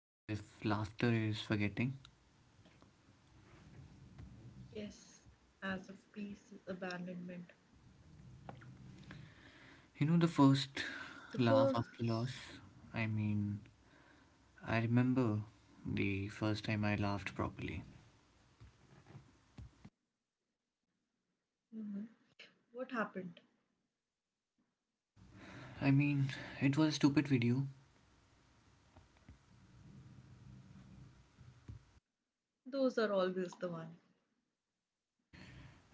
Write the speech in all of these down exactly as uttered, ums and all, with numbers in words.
as if laughter is forgetting. Yes, as of peace is abandonment. You know, the first The laugh first. after loss? I mean, I remember the first time I laughed properly. What happened? I mean, it was a stupid video. Those are always the one.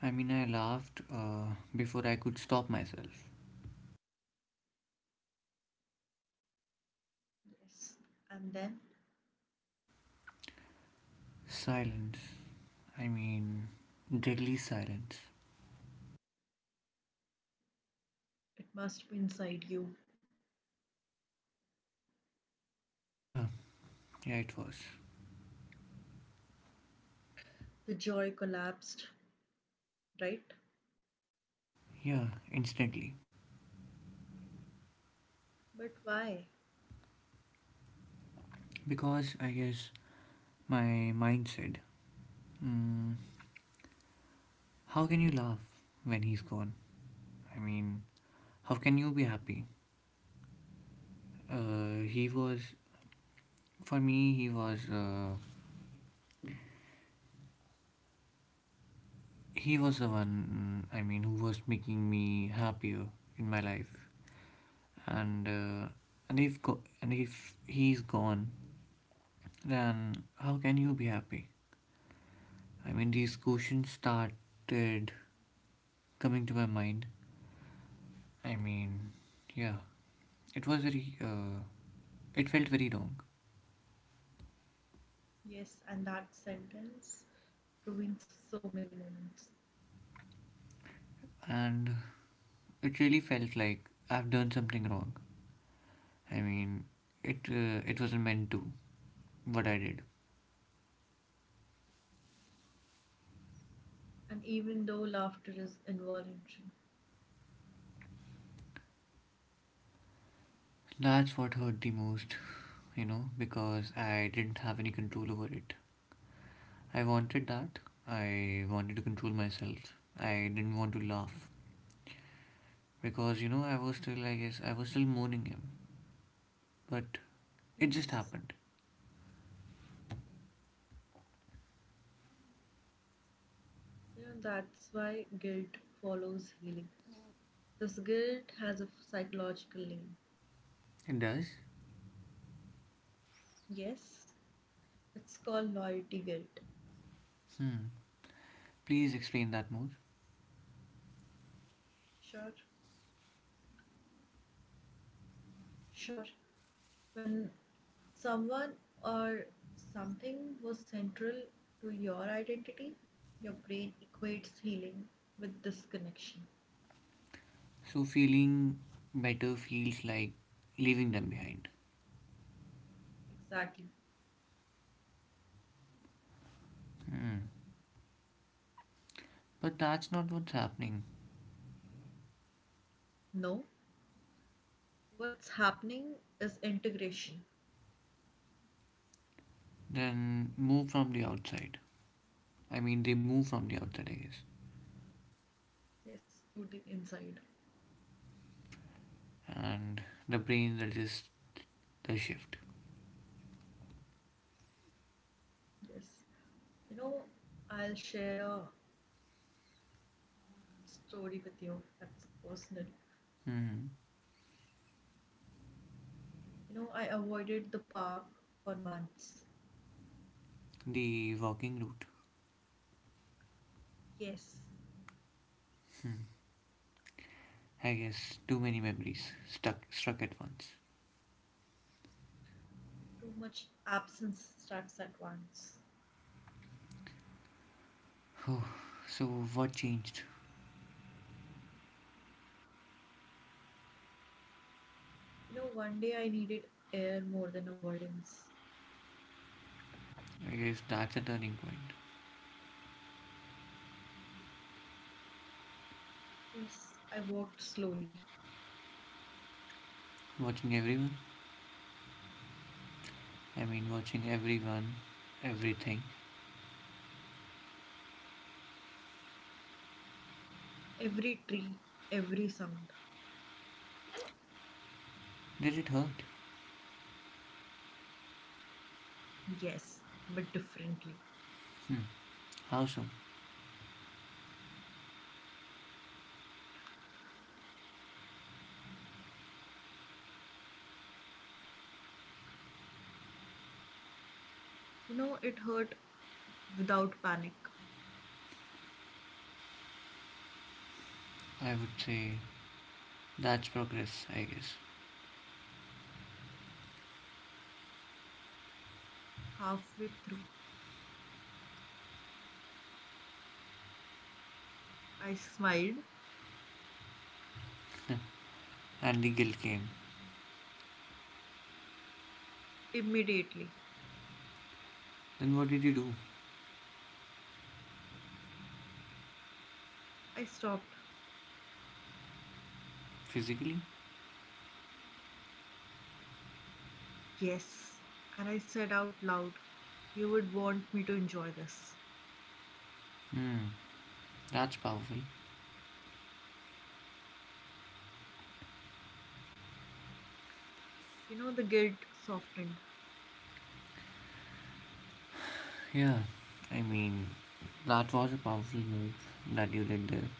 I mean, I laughed uh, before I could stop myself. Yes. And then Silence. I mean, deadly silence. it must be inside you. Yeah, yeah, it was. The joy collapsed, right? Yeah, instantly. But why? Because I guess my mind said, mm, how can you laugh when he's gone? I mean, how can you be happy? Uh, he was, for me, he was, uh, he was the one. I mean, who was making me happier in my life. And uh, and if go- and if he's gone, then how can you be happy? I mean, these questions started coming to my mind. I mean, yeah, it was very. Uh, it felt very wrong, Yes, and that sentence ruins so many moments. and it really felt like I've done something wrong. I mean, it uh, it wasn't meant to what I did. And even though laughter is involuntary. That's what hurt the most, you know, because I didn't have any control over it. I wanted that. I wanted to control myself. I didn't want to laugh because, you know, I was still, I guess, I was still mourning him. But it just Yes. happened. You know, that's why guilt follows healing. This guilt has a psychological name. It does? Yes, it's called loyalty guilt. Hmm. Please explain that more. Sure, sure. When someone or something was central to your identity, your brain equates healing with disconnection. So, feeling better feels like leaving them behind. Exactly. Hmm. But that's not what's happening. No, what's happening is integration. Then move from the outside. I mean, they move from the outside, I guess. Yes, to the inside. And the brain resists the shift. Yes. You know, I'll share a story with you that's personal. Hmm. You know, I avoided the park for months. The walking route. Yes, Hmm. I guess too many memories stuck struck at once. too much absence starts at once. Whew. So what changed? You know, one day I needed air more than avoidance. I guess that's a turning point. Yes, I walked slowly. Watching everyone. I mean, watching everyone, everything. Every tree, every sound. Did it hurt? Yes, but differently. Hmm. How so? You know, it hurt without panic. I would say that's progress, I guess. Halfway through, I smiled And the guilt came. immediately. Then what did you do? I stopped. Physically? Yes, and I said out loud, You would want me to enjoy this. Hmm. That's powerful. You know, the guilt softened. Yeah, I mean, that was a powerful move that you did there.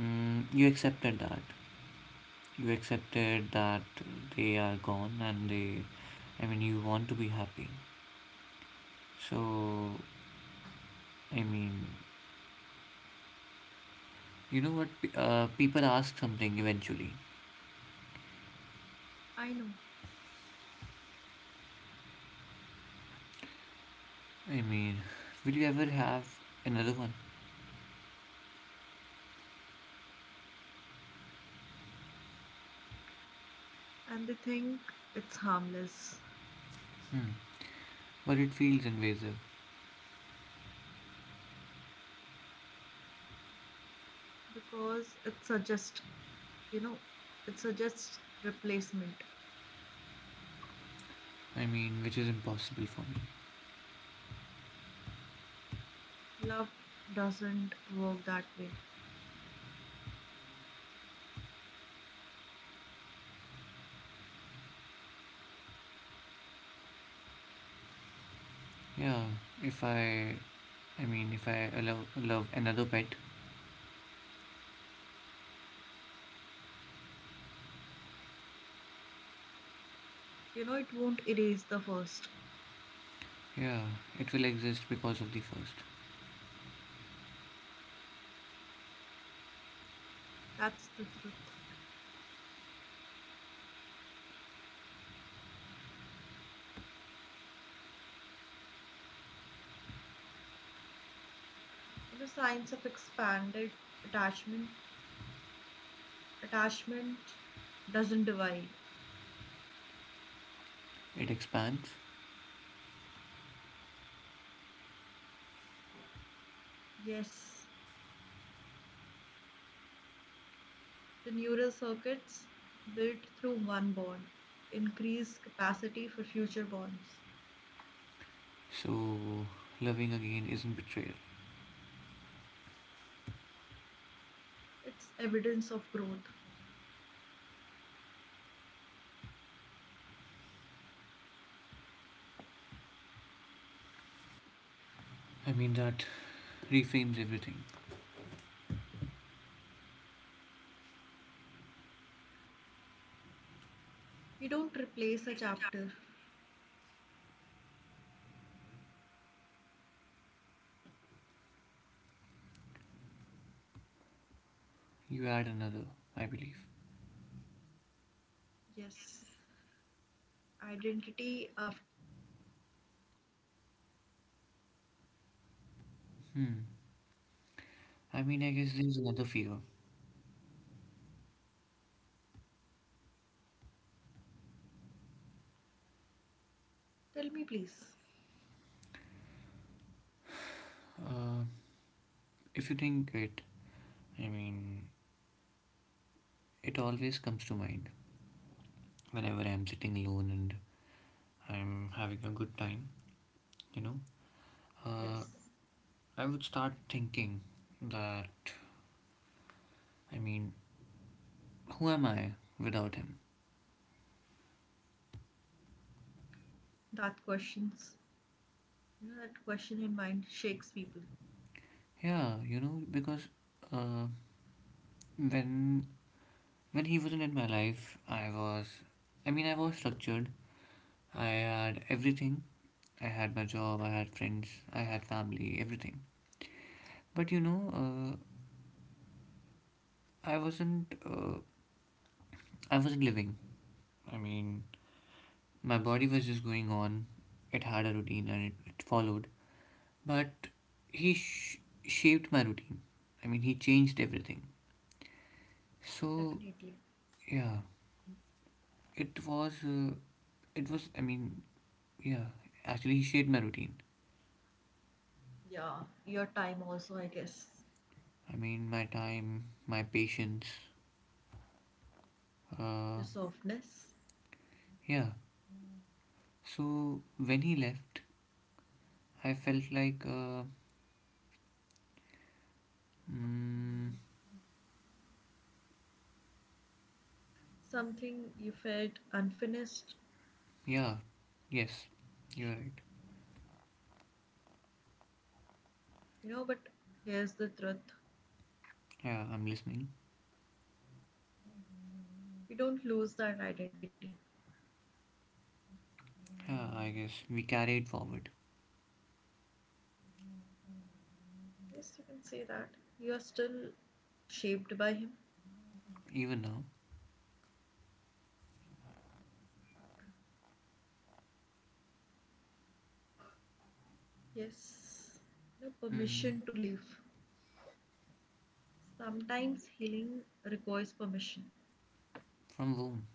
Mm, you accepted that. You accepted that they are gone and they, I mean, you want to be happy. So, I mean, you know what? Pe- Uh, people ask something eventually. I know, I mean, will you ever have another one? and they think it's harmless, Hmm. But it feels invasive. because it suggests, you know, it suggests replacement. I mean, which is impossible for me. Love doesn't work that way. Yeah, if I, I mean, if I allow, love another pet, You know, it won't erase the first. yeah, it will exist because of the first. That's the truth. You know, signs of expanded attachment attachment doesn't divide. It expands, Yes, the neural circuits built through one bond increase capacity for future bonds. so loving again isn't betrayal. It's evidence of growth. I mean, that reframes everything. You don't replace a chapter. You add another, I believe. Yes. Identity after loss? Hmm. I mean, I guess there's another fear. Tell me, please. Uh, if you think it, I mean, it always comes to mind whenever I'm sitting alone and I'm having a good time, you know. Uh, Yes. I would start thinking that, I mean, who am I without him? That questions, you know, that question in mind shakes people. Yeah, you know, because uh, when when he wasn't in my life, I was, I mean, I was structured. I had everything. I had my job. I had friends. I had family. Everything. But you know, uh, I wasn't. Uh, I wasn't living. I mean, my body was just going on. It had a routine and it, it followed. But he sh- shaped my routine. I mean, he changed everything. So Definitely. yeah, it was. Uh, it was. I mean, yeah, actually, he shaped my routine. Yeah. Your time also, I guess. I mean, my time, my patience. Uh, Your softness, yeah. So when he left, I felt like, uh, mm, something you felt unfinished, yeah, yes, you're right. you know, but here's the truth. Yeah, I'm listening. You don't lose that identity. Yeah, I guess we carry it forward, Yes, you can say that. You are still shaped by him. even now. Yes. No Mm, permission to live. Sometimes healing requires permission from home.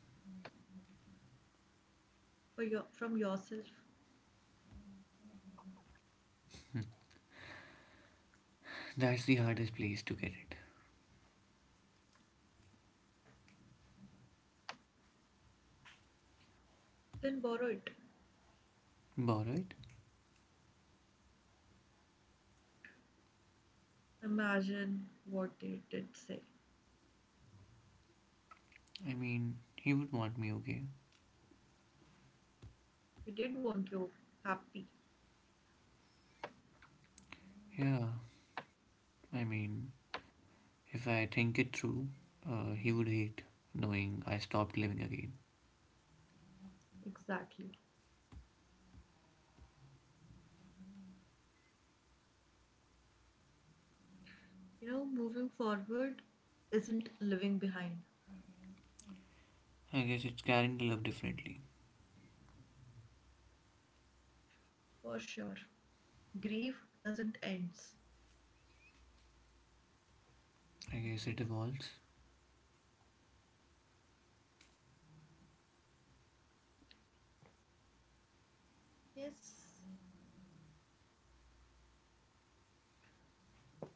for your, from yourself. That's the hardest place to get it. Then borrow it. Borrowed? Imagine what they did say. I mean, he would want me okay. He did want you happy. Yeah, I mean, if I think it through, uh, he would hate knowing I stopped living again. Exactly. You know, moving forward isn't living behind, I guess it's carrying the love differently. for sure. Grief doesn't end. I guess it evolves. Yes,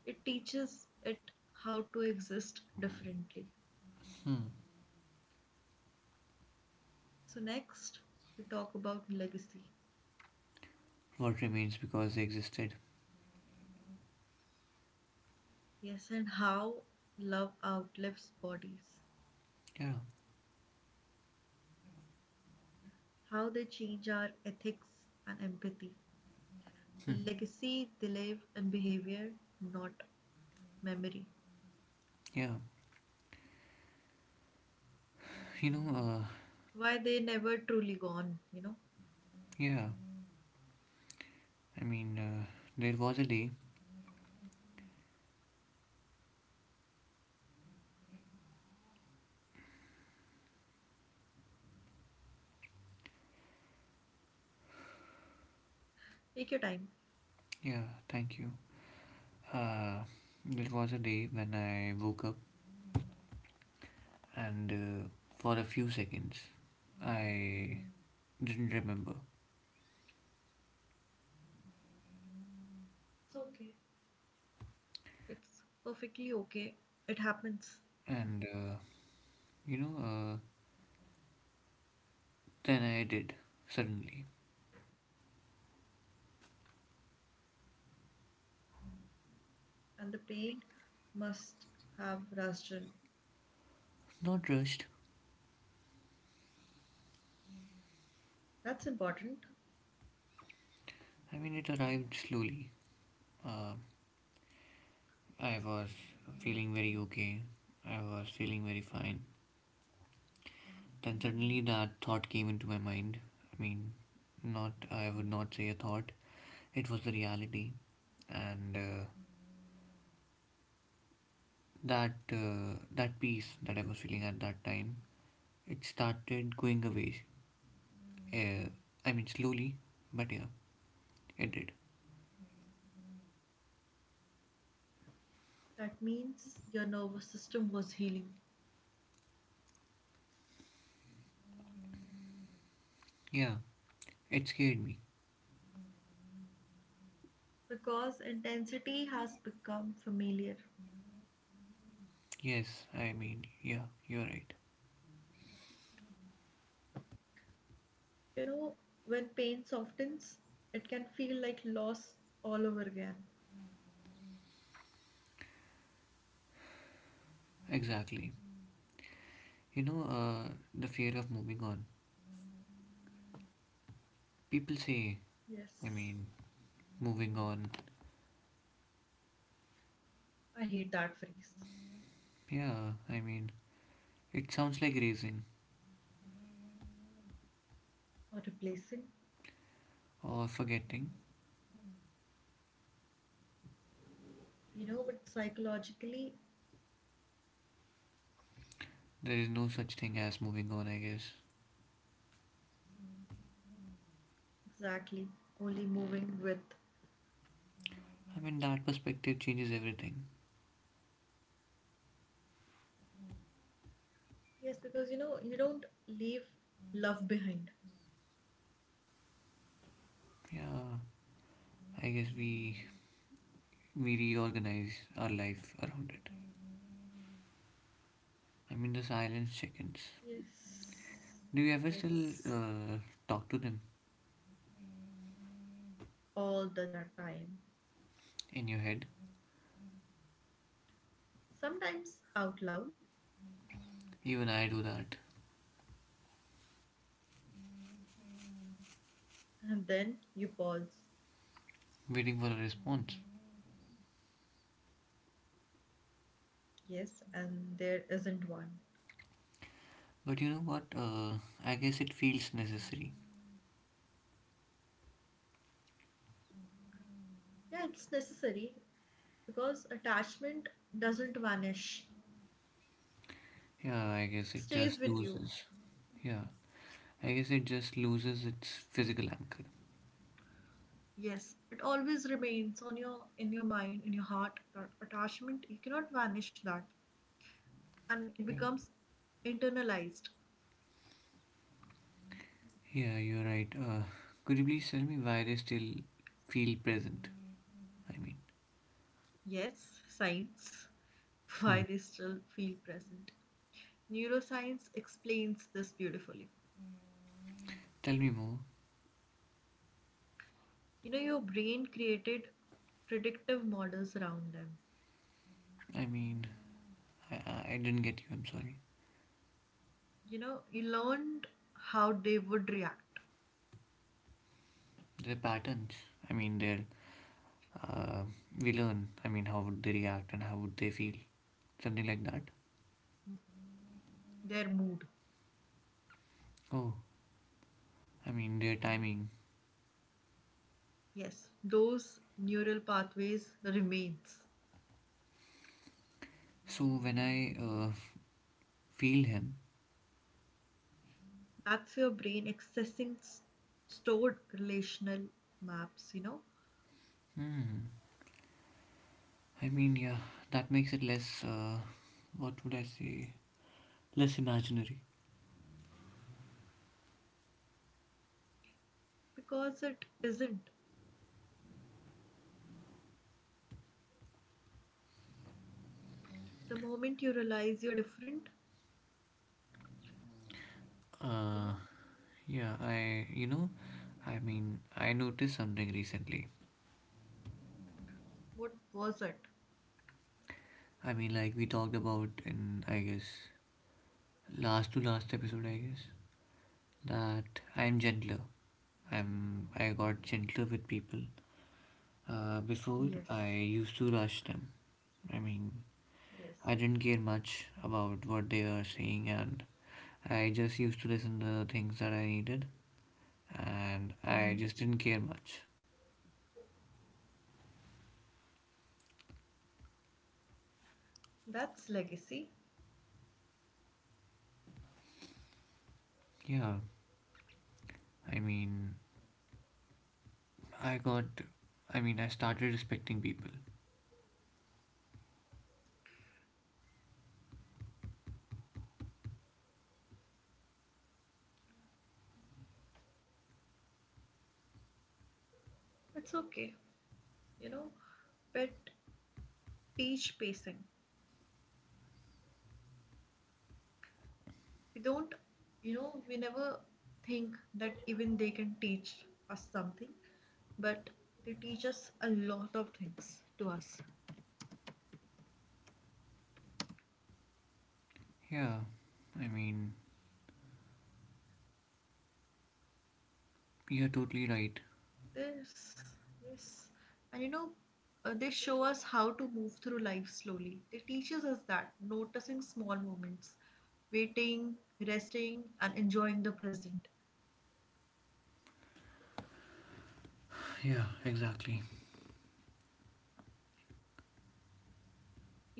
it teaches it how to exist differently. Hmm. So, next, we talk about legacy. What remains because they existed. Yes, and how love outlives bodies, Yeah. how they change our ethics and empathy, the Hmm. legacy they leave in behavior, not memory. Yeah. You know, uh, Why they never truly gone, you know? yeah. I mean, uh, there was a day. Take your time. Yeah, thank you. Uh, there was a day when I woke up and uh, for a few seconds I didn't remember. It's okay. It's perfectly okay. It happens. And, uh, you know, uh, then I did suddenly. And the pain must have rastrin. Not rushed. That's important. I mean, it arrived slowly. Um, I was feeling very okay. I was feeling very fine. Then suddenly that thought came into my mind. I mean, not, I would not say a thought. It was the reality. And uh, that, uh, that peace that I was feeling at that time, it started going away. Uh, I mean, slowly, but yeah, it did. That means your nervous system was healing Yeah, it scared me. because intensity has become familiar. Yes, I mean, yeah, you're right. You know, when pain softens, it can feel like loss all over again. Exactly. You know, uh, the fear of moving on. People say, I Yes, mean, moving on. I hate that phrase. Yeah, I mean, it sounds like raising Or replacing. or forgetting. You know, but psychologically, There is no such thing as moving on, I guess. exactly, only moving with. I mean, that perspective changes everything. Yes, because you know, you don't leave love behind. Yeah, I guess we we reorganize our life around it. I mean, the silence chickens. Yes, Do you ever still yes, uh, talk to them all the that time. in your head? Sometimes out loud, Even I do that, and then you pause. waiting for a response. Yes, and there isn't one. But you know what? Uh, I guess it feels necessary. Yeah, it's necessary because attachment doesn't vanish, Yeah, I it guess it stays just with you. loses. Yeah, I guess it just loses its physical anchor. Yes, it always remains on your in your mind, in your heart, that attachment. You cannot vanish that. And it Yeah, becomes internalized. yeah, you're right. Uh, could you please tell me why they still feel present? I mean, Yes, science. hmm. Why they still feel present. Neuroscience explains this beautifully. Tell me more. You know, your brain created predictive models around them. I mean, I, I I didn't get you. I'm sorry. You know, you learned how they would react, Their patterns. I mean, their uh, we learn. I mean, how would they react and how would they feel? Something like that. their mood. Oh, I mean, their timing. Yes, those neural pathways remains. So when I uh, feel him, That's your brain accessing s- stored relational maps, you know, hmm. I mean, yeah, that makes it less. Uh, what would I say? Less imaginary. because it isn't. The moment you realize you're different, you Uh, know. yeah, I, you know, I mean, I noticed something recently. What was it? I mean, like we talked about in, I guess, last to last episode, I guess, that I'm gentler. I'm, I got gentler with people. Uh, before, Yes. I used to rush them. I mean, Yes. I didn't care much about what they are saying, and I just used to listen to the things that I needed, and I Hmm, just didn't care much. that's legacy. Yeah, I mean, I got, I mean, I started respecting people. It's okay. You know, but teach pacing. We don't, you know, we never think that even they can teach us something, but they teach us a lot of things to us. Yeah, I mean, you're totally right. This, yes. And you know, uh, they show us how to move through life slowly. They teaches us that noticing small moments, waiting, resting, and enjoying the present. Yeah, exactly.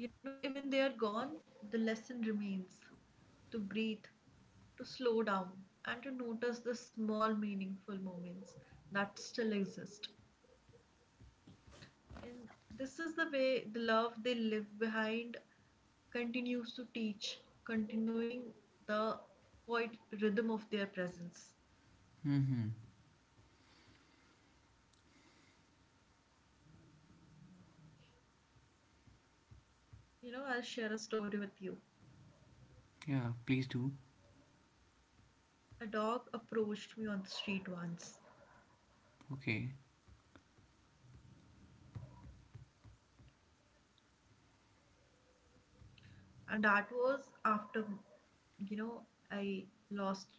You know, even they are gone, the lesson remains to breathe, to slow down, and to notice the small meaningful moments that still exist. And this is the way the love they leave behind continues to teach, continuing the quiet rhythm of their presence. Mm-hmm. You know, I'll share a story with you. Yeah, please do. A dog approached me on the street once, Okay. and that was after, you know, I lost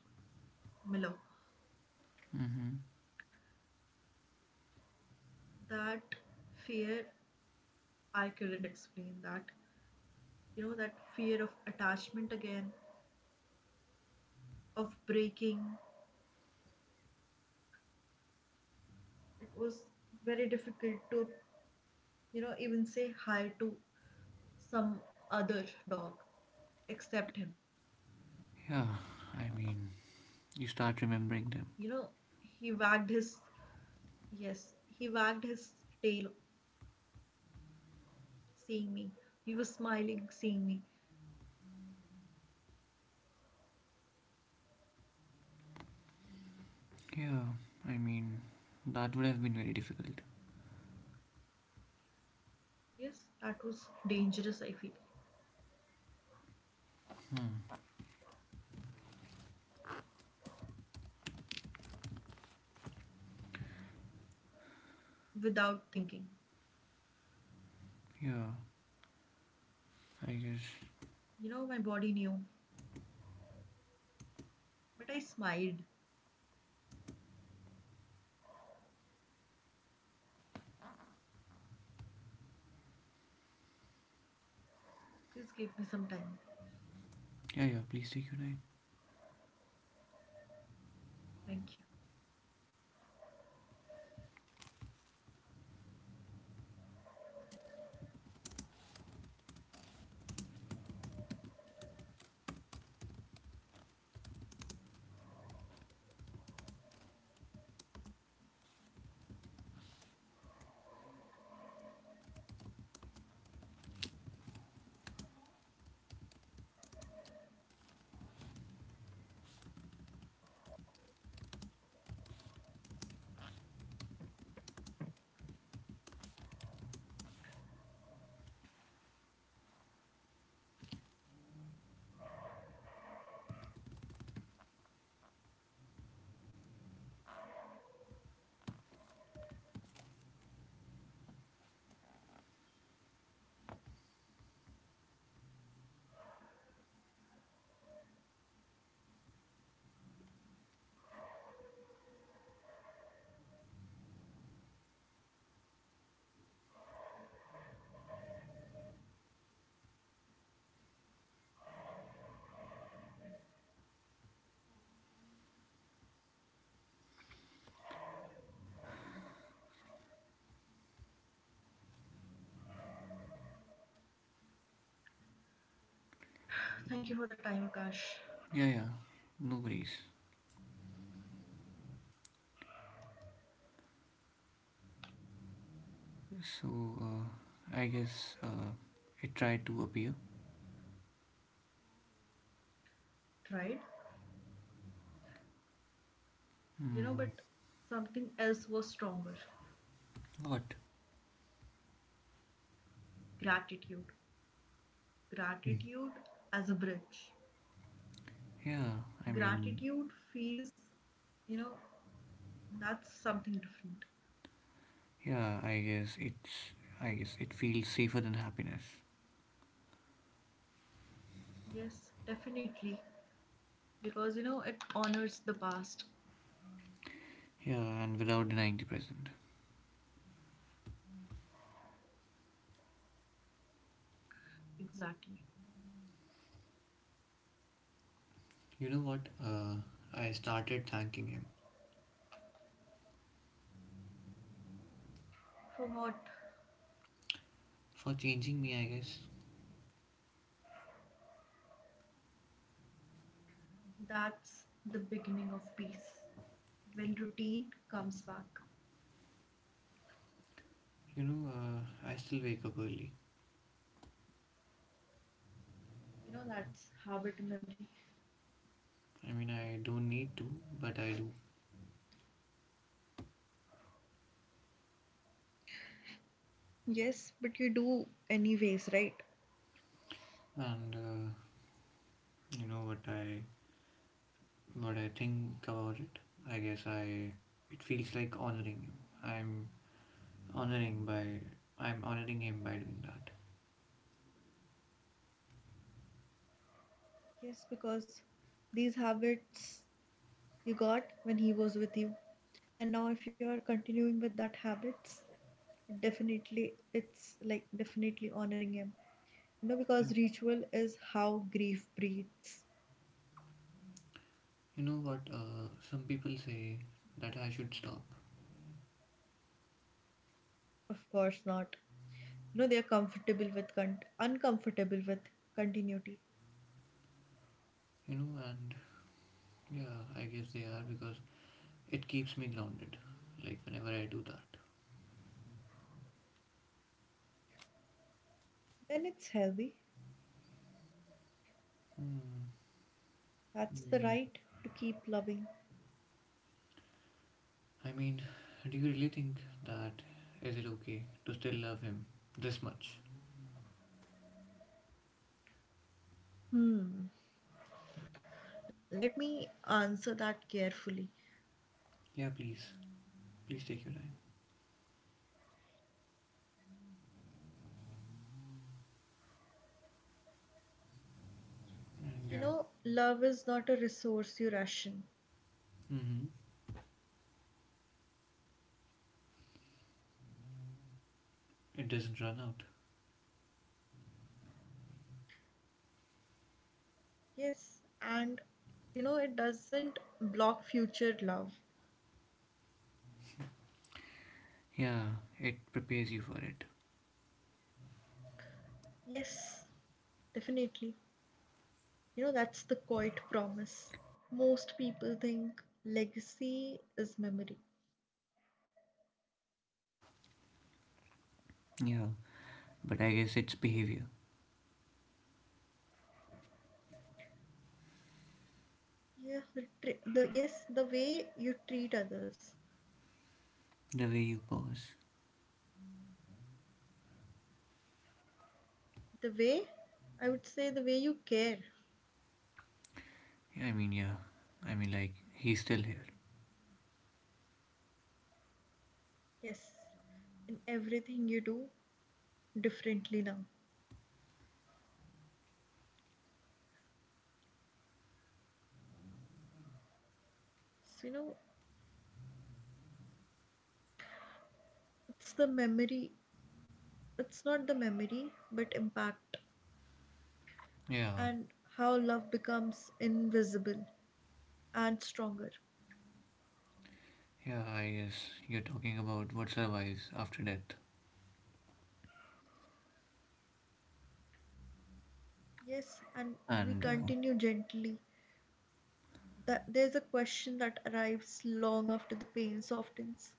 Milo. Mm-hmm. That fear, I couldn't explain that. You know, that fear of attachment again, of breaking. It was very difficult to, you know, even say hi to some other dog except him. Yeah, I mean, you You start know, remembering them. he wagged his, yes, he wagged his tail seeing me. He was smiling seeing me. Yeah, I mean, that would have been very difficult. Yes, that was dangerous, I feel. Hmm. I knew without thinking. Yeah, I guess. You know, my body knew, but I smiled. Please give me some time. Yeah, yeah, please take your time. Thank you. Thank you for the time, Akash. Yeah, yeah, no worries. So, uh, I guess, uh, it tried to appear. Tried. You know, Hmm. but something else was stronger: What? gratitude. Gratitude as a bridge. Yeah, I mean, Gratitude feels, you know, that's something different. yeah, I guess it's I guess it feels safer than happiness. Yes, definitely. Because, you know, it honors the past. Yeah, and without denying the present. Exactly. You know what? Uh, I started thanking him For what? for changing me. I guess. That's the beginning of peace. When routine comes back, You know, uh, I still wake up early. you know, that's habit memory. I mean, I don't need to, but I do. Yes, but you do anyways, right? And uh, you know what I what I think about it. I guess I it feels like honoring him. I'm honoring by I'm honoring him by doing that. Yes, because these habits you got when he was with you. And now, if you're continuing with that habits, definitely, it's like definitely honoring him. You know, Yeah, because ritual is how grief breathes. you know what? Uh, some people say that I should stop. Of course not. You know, they are comfortable with, con- uncomfortable with continuity. You know, and yeah, I guess they are because it keeps me grounded. Like whenever I do that. Then it's healthy. Hmm. That's You the mean? right to keep loving. I mean, do you really think that is it okay to still love him this much? Hmm. Let me answer that carefully. Yeah, please, please take your time. And You yeah. know, love is not a resource you ration. Mm-hmm. It doesn't run out. Yes, and you know, it doesn't block future love. Yeah, it prepares you for it. Yes, definitely. You know, that's the quiet promise. Most people think legacy is memory. Yeah. But I guess it's behavior. Yeah, the, tr- the yes, the way you treat others, The way you pause. the way I would say the way you care. Yeah, I mean, yeah, I mean, like he's still here. Yes, in everything you do differently now. So, you know, it's the memory, it's not the memory, but impact, Yeah, and how love becomes invisible and stronger. yeah, I guess you're talking about what survives after death, Yes, and we and uh, continue gently. That there's a question that arrives long after the pain softens.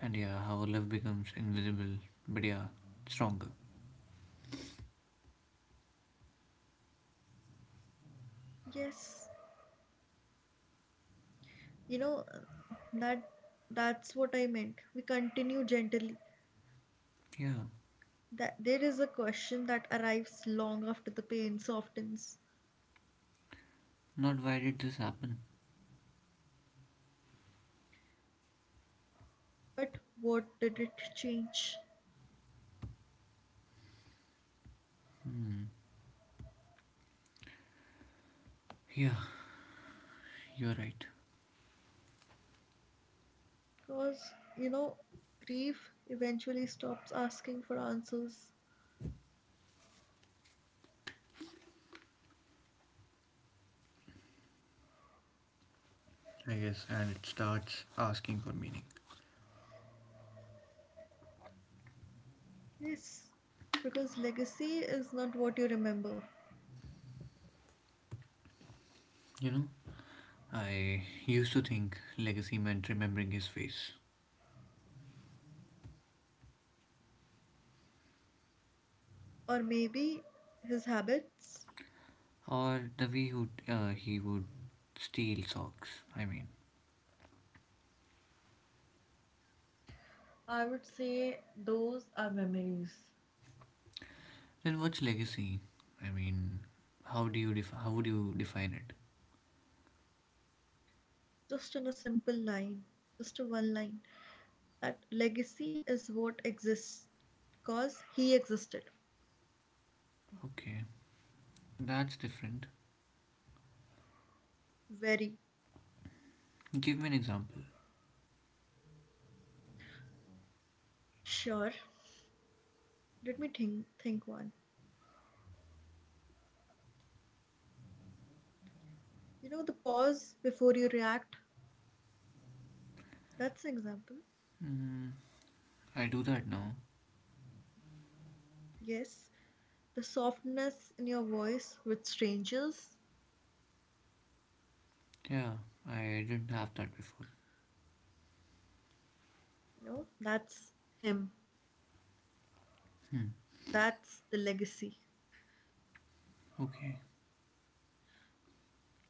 and yeah, how love becomes invisible, but yeah, stronger. Yes, you know, uh, that that's what I meant. We continue gently. Yeah, That there is a question that arrives long after the pain softens. not why did this happen? But what did it change? Hmm. Yeah, you're right. Because you know, grief eventually stops asking for answers. I guess, and it starts asking for meaning. Yes, because legacy is not what you remember, You know, I used to think legacy meant remembering his face, or maybe his habits. or the way who uh, he would steal socks. I mean, I would say those are memories. then what's legacy? I mean, how do you def- how would you define it? Just in a simple line, just a one line. That legacy is what exists because he existed. Okay, that's different. Very Give me an example. sure. Let me think think one. You know the pause before you react? That's an example. Mm, I do that now. Yes. The softness in your voice with strangers, Yeah, I didn't have that before. you know, that's him. Hmm, That's the legacy. okay.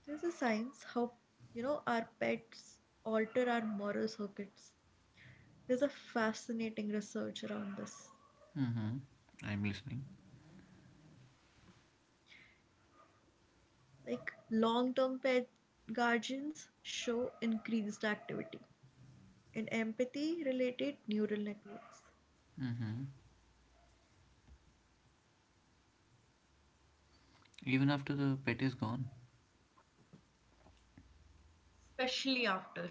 There's a science how, you know, our pets alter our moral circuits. There's a fascinating research around this. Mm-hmm. I'm listening. Like long term pet guardians show increased activity in empathy related neural networks, Mm-hmm. Even after the pet is gone. especially after,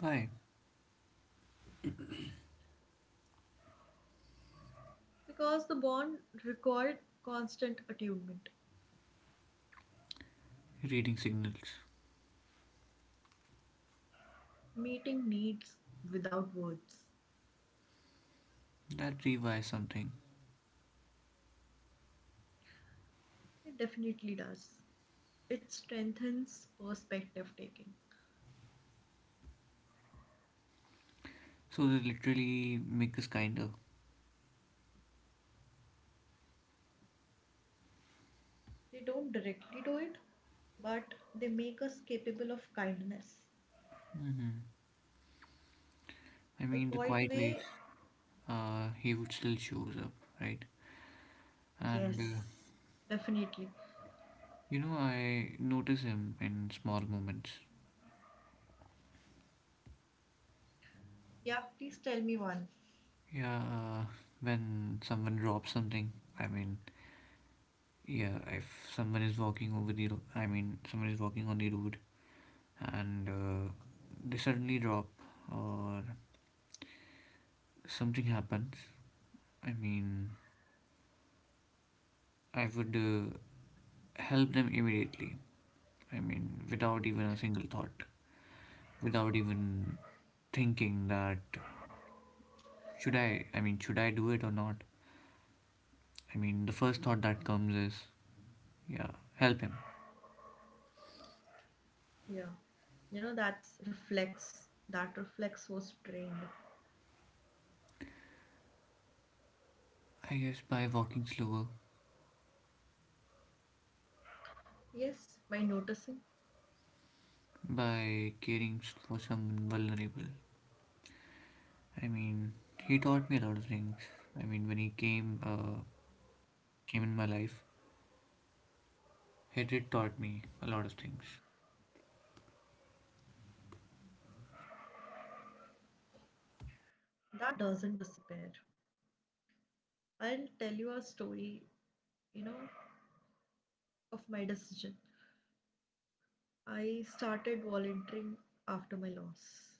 Why? because the bond required constant attunement, Reading signals. meeting needs without words. That rewires something. It definitely does. It strengthens perspective taking. So they literally make us kinder. They don't directly do it, but they make us capable of kindness. Mm-hmm. I The mean, the quiet quiet ways, way. uh, he would still shows up, right? And, uh, Yes, definitely. you know, I notice him in small moments. Yeah, please tell me one. Yeah, uh, when someone drops something, I mean, yeah, if someone is walking over the, ro- I mean, someone is walking on the road and uh, they suddenly drop or something happens, I mean, I would uh, help them immediately. I mean, without even a single thought, without even thinking that should I, I mean, should I do it or not? I mean, the first thought that comes is, yeah, help him. Yeah. You know, that's reflex. That reflex was trained. I guess by walking slower Yes, by noticing. by caring for someone vulnerable. I mean, he taught me a lot of things. I mean, when he came uh, came in my life, he did taught me a lot of things. That doesn't disappear. I'll tell you a story, you know, of my decision. I started volunteering after my loss.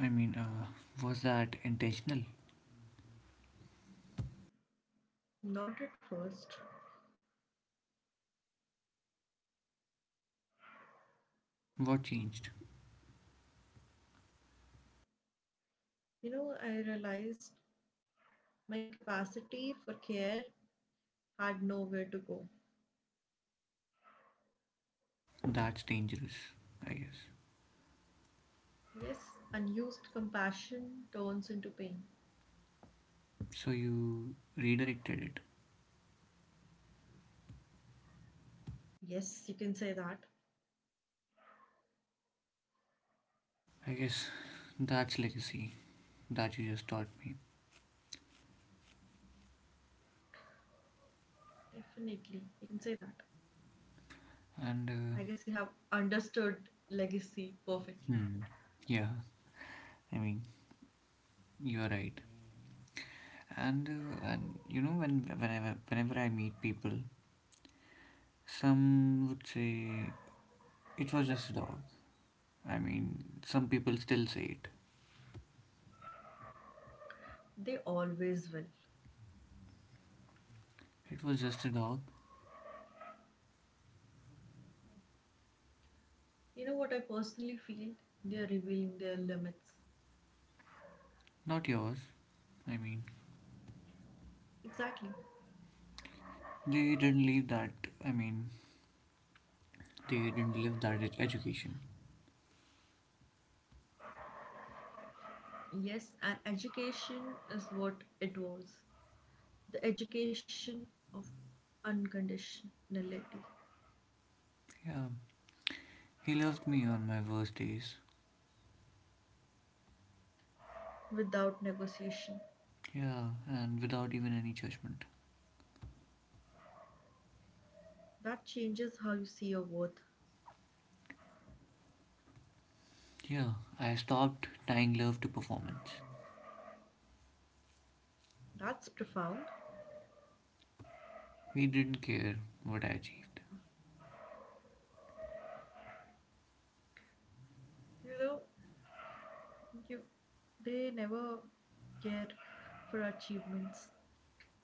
I mean, uh, was that intentional? Not at first. What changed? You know, I realized my capacity for care had nowhere to go. That's dangerous, I guess. Yes, unused compassion turns into pain. So you redirected it. Yes, you can say that. I guess that's legacy that you just taught me. Definitely, you can say that. And uh, I guess you have understood legacy perfectly. hmm, yeah, I mean, you're right. And uh, and you know when whenever whenever I meet people, some would say it was just a dog. I mean, some people still say it. They always will. It was just a dog, You know what I personally feel? They are revealing their limits. not yours. I mean, Exactly. they didn't leave that. I mean, they didn't live that ed- education. Yes, and education is what it was, the education of unconditionality Yeah, he loved me on my worst days. without negotiation. Yeah, and without even any judgment. That changes how you see your worth. Yeah, I stopped tying love to performance. That's profound. He didn't care what I achieved. You know, you they never care for achievements.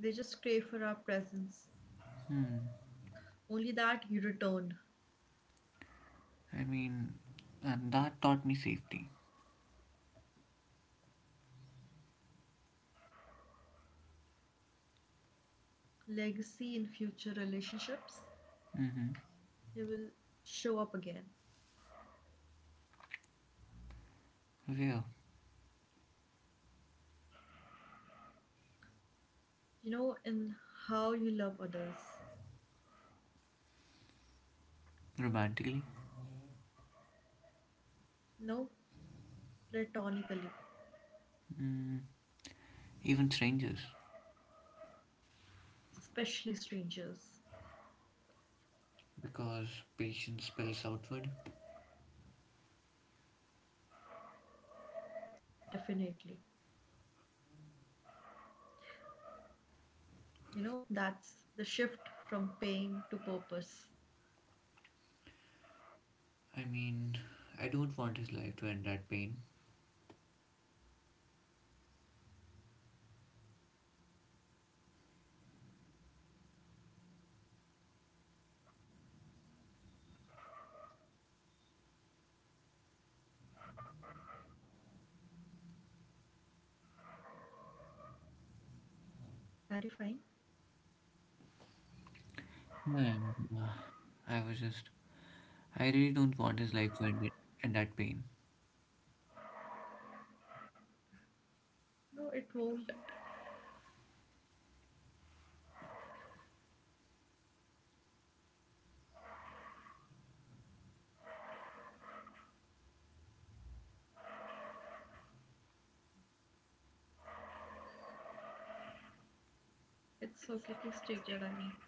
They just crave for our presence. Hmm. Only that you return. I mean, and that taught me safety. Legacy in future relationships, Mm-hmm. he will show up again. Where? You know, in how you love others. Romantically? You know, platonically, Mm, even strangers, especially strangers. because patience spills outward. Definitely. You know, that's the shift from pain to purpose. I mean, I don't want his life to end that pain. It won't. Are you fine? I Uh, I was just. I really don't want his life to end it, end that pain. No, it won't. It's okay. Please take your time.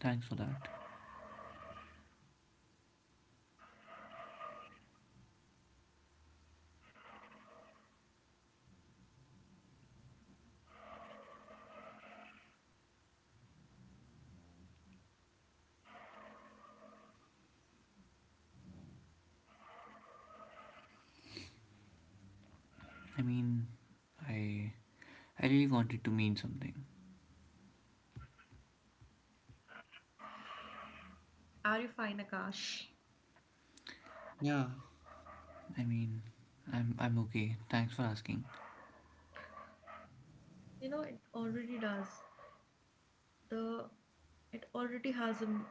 Thanks for that. I mean, I. I really want it to mean something. Are you fine, Akash? I mean, I'm. I'm okay. Thanks for asking. You know, it already does. The It already has a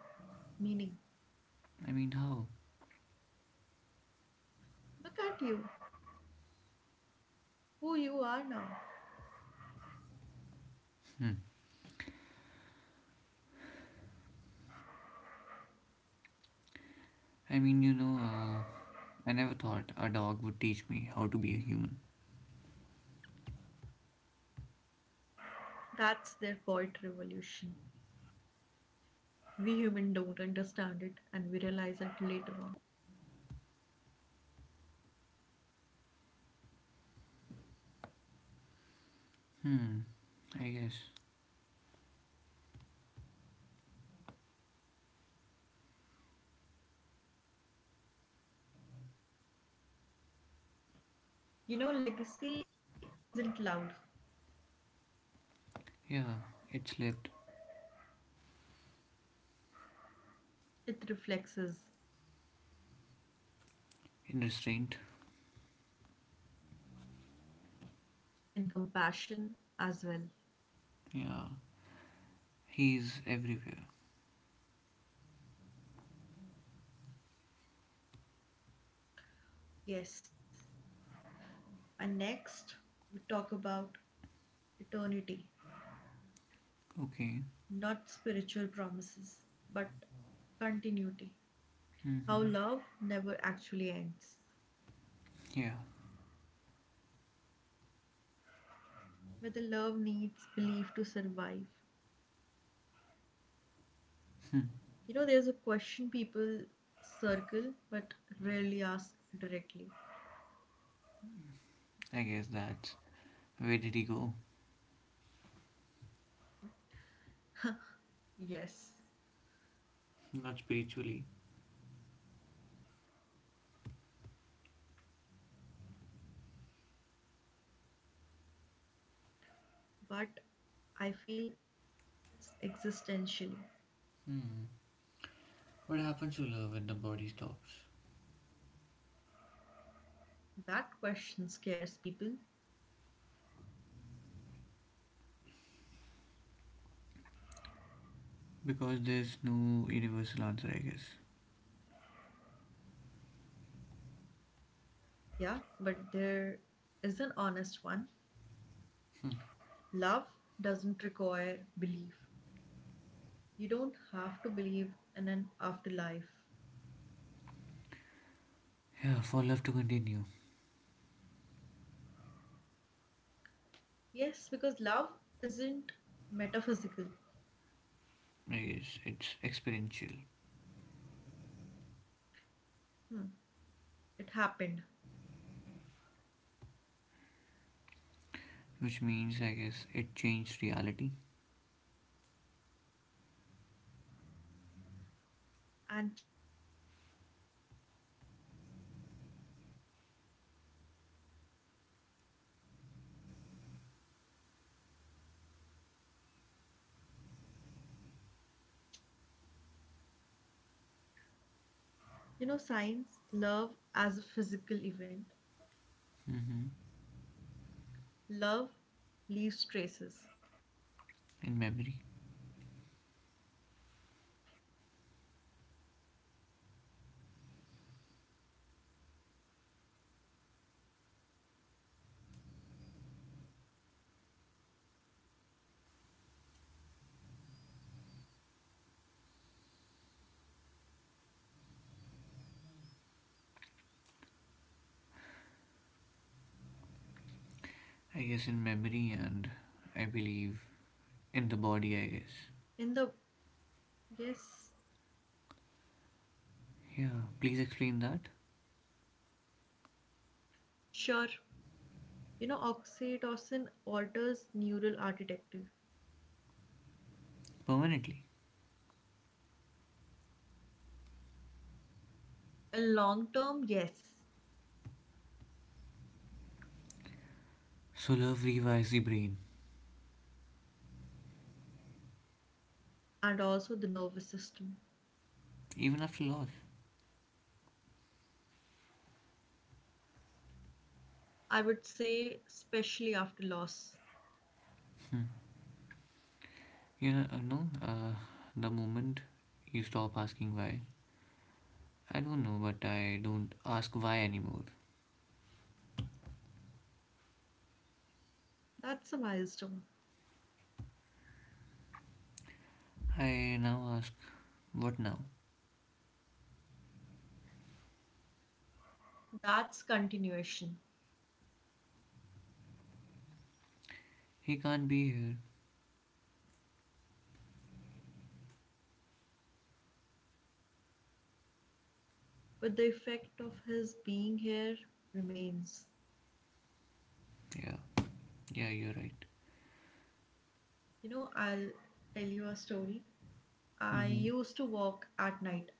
meaning. I mean, how? Look at you, who you are now. Hmm. I mean, you know, uh, I never thought a dog would teach me how to be a human. That's their quiet revolution. We humans don't understand it and we realize it later on. Hmm. I guess. You know, legacy isn't loud, Yeah. It slipped it reflects us in restraint. in compassion as well. Yeah, he's everywhere. Yes. And next, we talk about eternity, Okay. not spiritual promises, but continuity. How Hmm. love never actually ends. Yeah, Whether love needs belief to survive. You know, there's a question people circle but rarely ask directly. I guess that. Where did he go? Yes, Not spiritually. but I feel that's existential. Hmm. What happens to love when the body stops? That question scares people, Because there's no universal answer, I guess. yeah, but there is an honest one. Love doesn't require belief. You don't have to believe in an afterlife. Yeah, for love to continue. Yes, because love isn't metaphysical. I guess it's experiential, Hmm, it happened, which means I guess it changed reality. and changes don't reverse. You know, science, love as a physical event. Hmm. Love leaves traces In memory. in the body. I guess in memory and I believe in the body, I guess. In the, yes, Yeah, please explain that sure. You know, oxytocin alters neural architecture. permanently. In long term, yes. So love rewires the brain, And also the nervous system. even after loss. I would say, especially after loss. You know, uh, no, uh, the moment you stop asking why, I don't know, but I don't ask why anymore. That's a milestone. I now ask, what now? That's continuation. He can't be here. But the effect of his being here remains. Yeah, yeah, you're right. You know, I'll tell you a story. I Hmm. used to walk at night.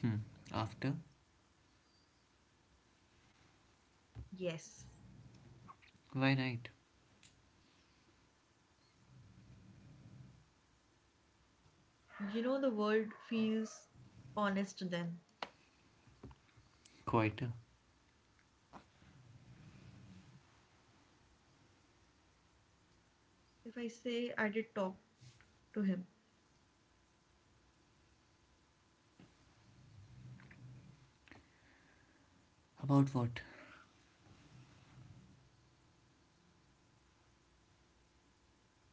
Hmm. After? Yes. Why night? You know, the world feels honest then. Quieter. If I say I did talk to him, About what?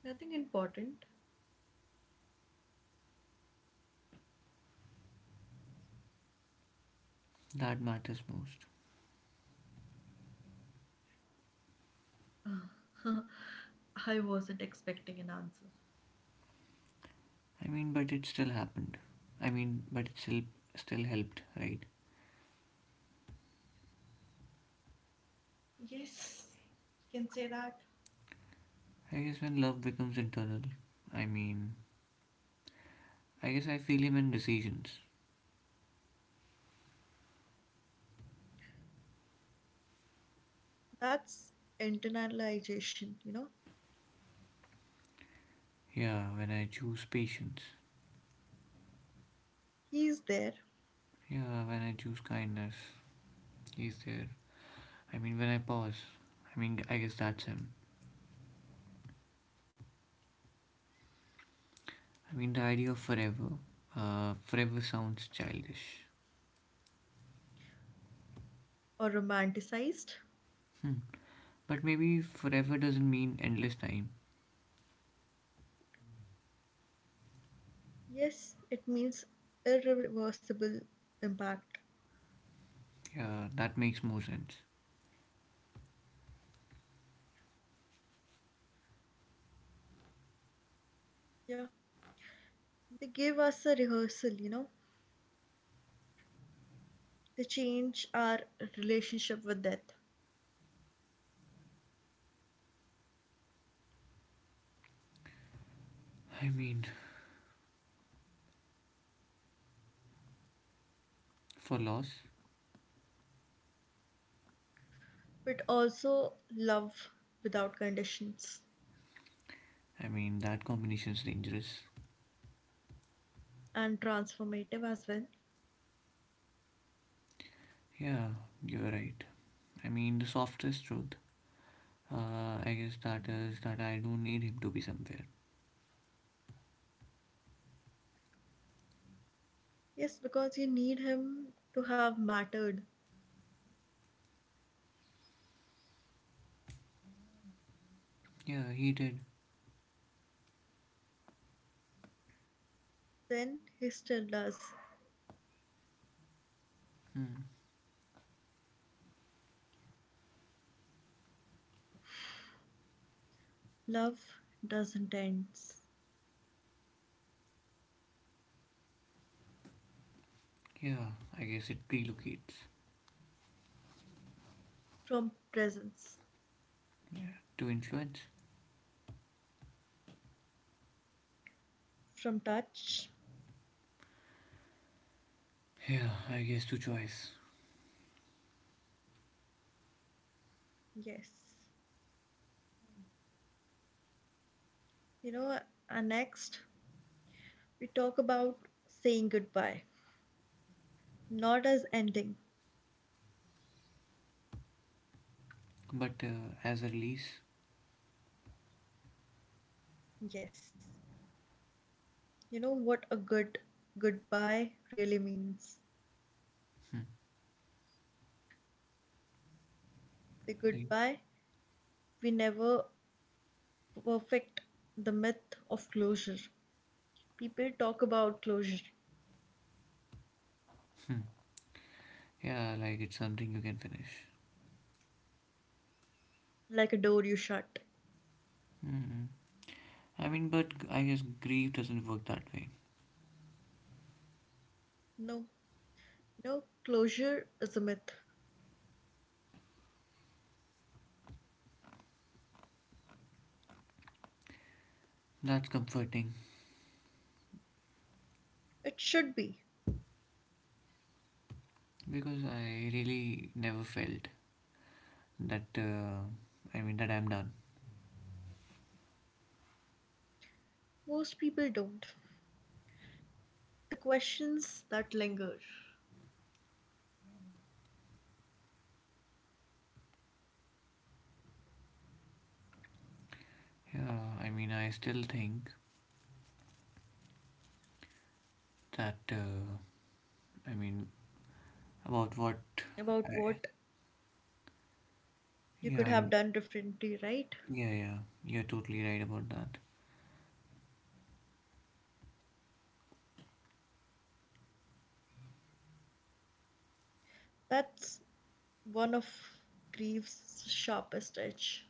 nothing important. That matters most. I wasn't expecting an answer. I mean, but it still happened. I mean, but it still still helped, right? Yes, you can say that. I guess when love becomes internal. I mean, I guess I feel him in decisions. That's internalization, you know. Yeah, when I choose patience. He's there Yeah, when I choose kindness. He's there. I mean, when I pause. I mean, I guess that's him. I mean, the idea of forever. Uh, forever sounds childish. or romanticized. Hmm. But maybe forever doesn't mean endless time. Yes, it means irreversible impact. Yeah, that makes more sense. Yeah. They give us a rehearsal, you know. They change our relationship with death, I mean, for loss, but also love without conditions I mean, that combination's dangerous. and transformative as well. Yeah, you're right. I mean, the softest truth. Uh, I guess that is that I don't need him to be somewhere. Yes, because you need him to have mattered. Yeah, he did. Then he still does. Hmm. Love doesn't end, Yeah, I guess it relocates. from presence, Yeah, to influence. from touch. Yeah, I guess to choice. Yes. You know, uh, next we talk about saying goodbye, not as ending. But uh, as a release. Yes. You know what a good goodbye really means. Hmm. The I. goodbye, we never perfect the myth of closure. People talk about closure Hmm. Yeah, like it's something you can finish. like a door you shut. Mm. I mean, but I guess grief doesn't work that way. No, no, closure is a myth. That's comforting It should be. because I really never felt that. Uh, I mean, that I'm done. Most people don't. The questions that linger, Yeah, I mean, I still think that. Uh, I mean, about what. about I, what you yeah, could have I'm, done differently, right? yeah, yeah. You're totally right about that. That's one of grief's sharpest edge.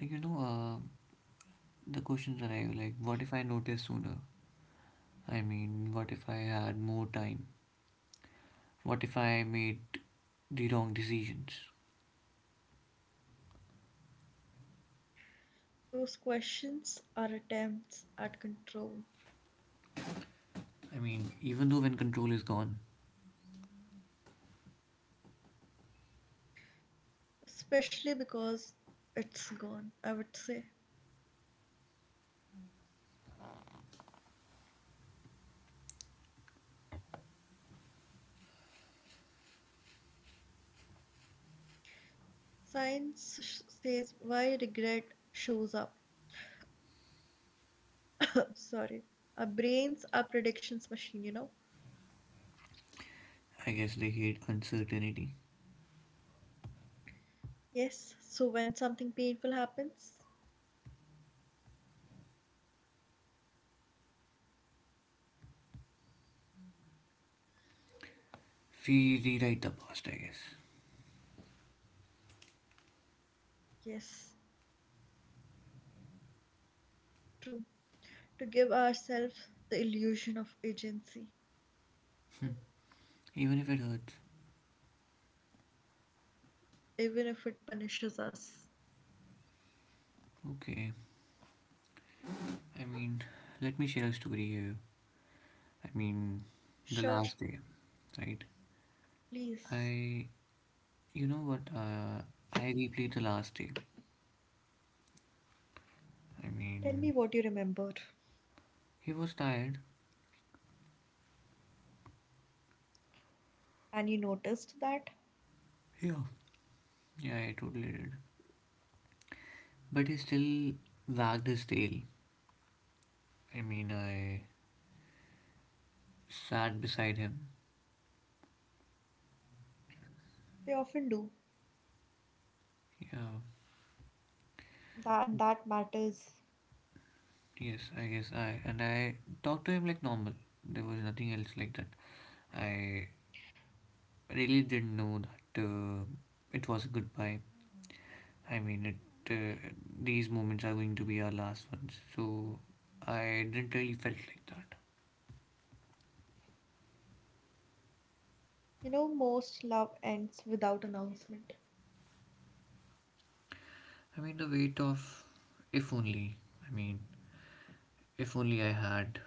Like you know, uh, the questions arrive like, what if I noticed sooner? I mean, what if I had more time? What if I made the wrong decisions? Those questions are attempts at control, I mean, even though when control is gone. especially because it's gone, I would say. Science sh- says why regret shows up. Sorry. Our brains are predictions machine, you know. I guess they hate uncertainty. Yes, so when something painful happens, We rewrite the past, I guess. yes, true. To give ourselves the illusion of agency, Even if it hurts, even if it punishes us. okay. I mean, let me share a story here. I mean, the Sure, last day, right? please. I, you know what? Uh, I replayed the last day. I Tell me mean, what you remembered. he was tired. And you noticed that? Yeah. Yeah, I totally did. But he still wagged his tail. I mean, I sat beside him. They often do. Yeah, Tha- And that matters. yes, I guess I. And I talked to him like normal. There was nothing else like that. I really didn't know that uh, it was a goodbye. I mean, it. Uh, these moments are going to be our last ones. So I didn't really felt like that. You know, most love ends without announcement. I mean, the weight of if only. I mean, if only I had.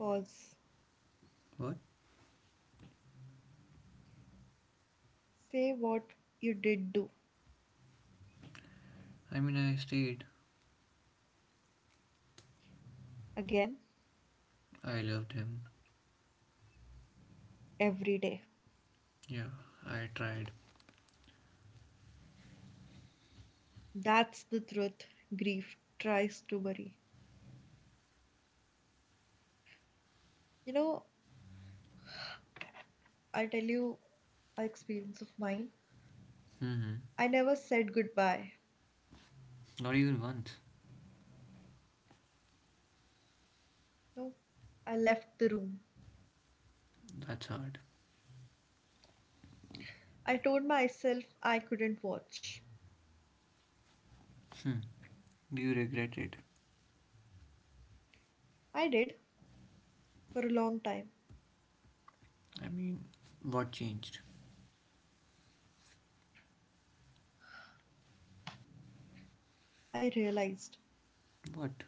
Pause. What? Say what you did do. I mean, I stayed. Again, I loved him. every day. Yeah, I tried. That's the truth grief tries to bury. You know, I'll tell you an experience of mine. Hmm. I never said goodbye. Not even once. No, I left the room. That's hard. I told myself I couldn't watch. Do you regret it? I did for a long time. I mean, what changed? I realized What?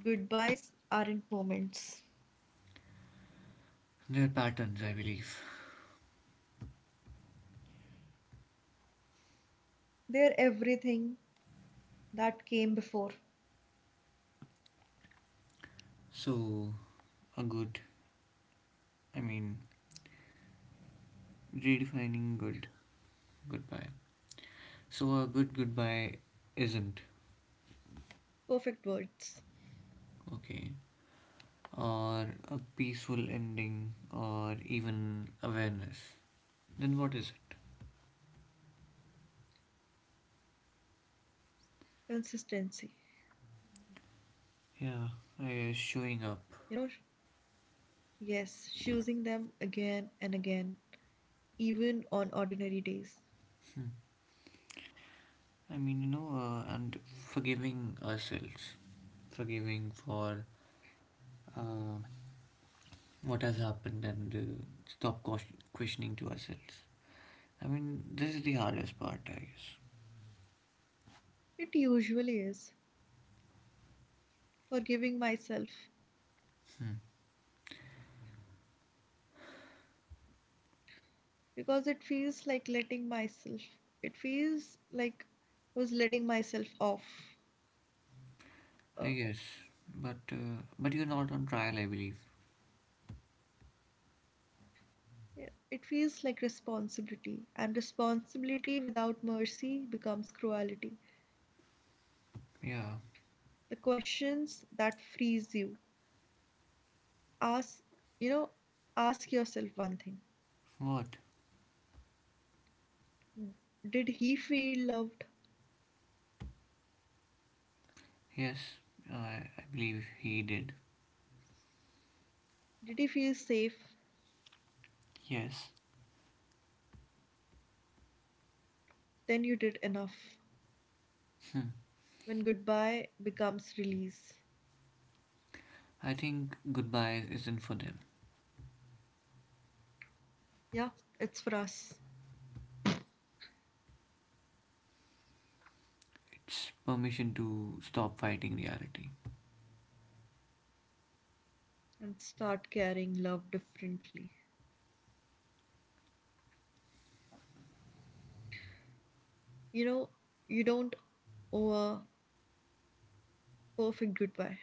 goodbyes aren't moments, There are patterns, I believe. they're everything that came before. So, a good, I mean, redefining good goodbye. So, a good goodbye isn't Perfect words, okay. Or a peaceful ending, or even awareness. Then what is it? consistency. Yeah, I showing up. You know, yes, choosing them again and again even on ordinary days. Hmm. I mean, you know, uh, and forgiving ourselves. Forgiving for uh, what has happened and uh, stop ques- questioning to ourselves. I mean, this is the hardest part, I guess. It usually is forgiving myself, Hmm. because it feels like letting myself, it feels like I was letting myself off. I Uh, guess, but uh, but you're not on trial, I believe. yeah, it feels like responsibility, and responsibility without mercy becomes cruelty. Yeah. The questions that freeze you ask, you know, ask yourself one thing: What? Did he feel loved? Yes, I I believe he did. Did he feel safe? Yes. Then you did enough. When goodbye becomes release. I think goodbye isn't for them. Yeah, it's for us. It's permission to stop fighting reality. And start carrying love differently. You know, you don't owe a perfect goodbye.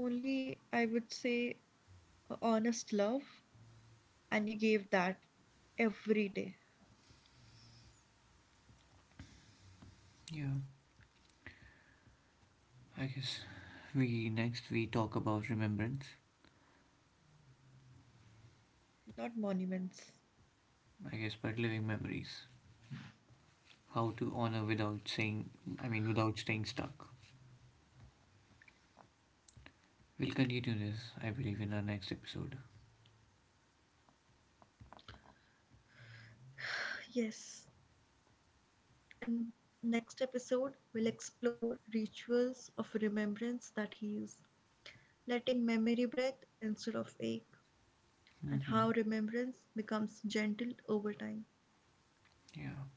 Only, I would say, a honest love, and you gave that every day, Yeah. I guess we next we talk about remembrance. not monuments. I guess, but living memories, how to honor without saying, I mean, without staying stuck. We'll continue this, I believe, in our next episode. Yes. And next episode, we'll explore rituals of remembrance that heals, letting memory breathe instead of ache, and Hmm. how remembrance becomes gentle over time. Yeah.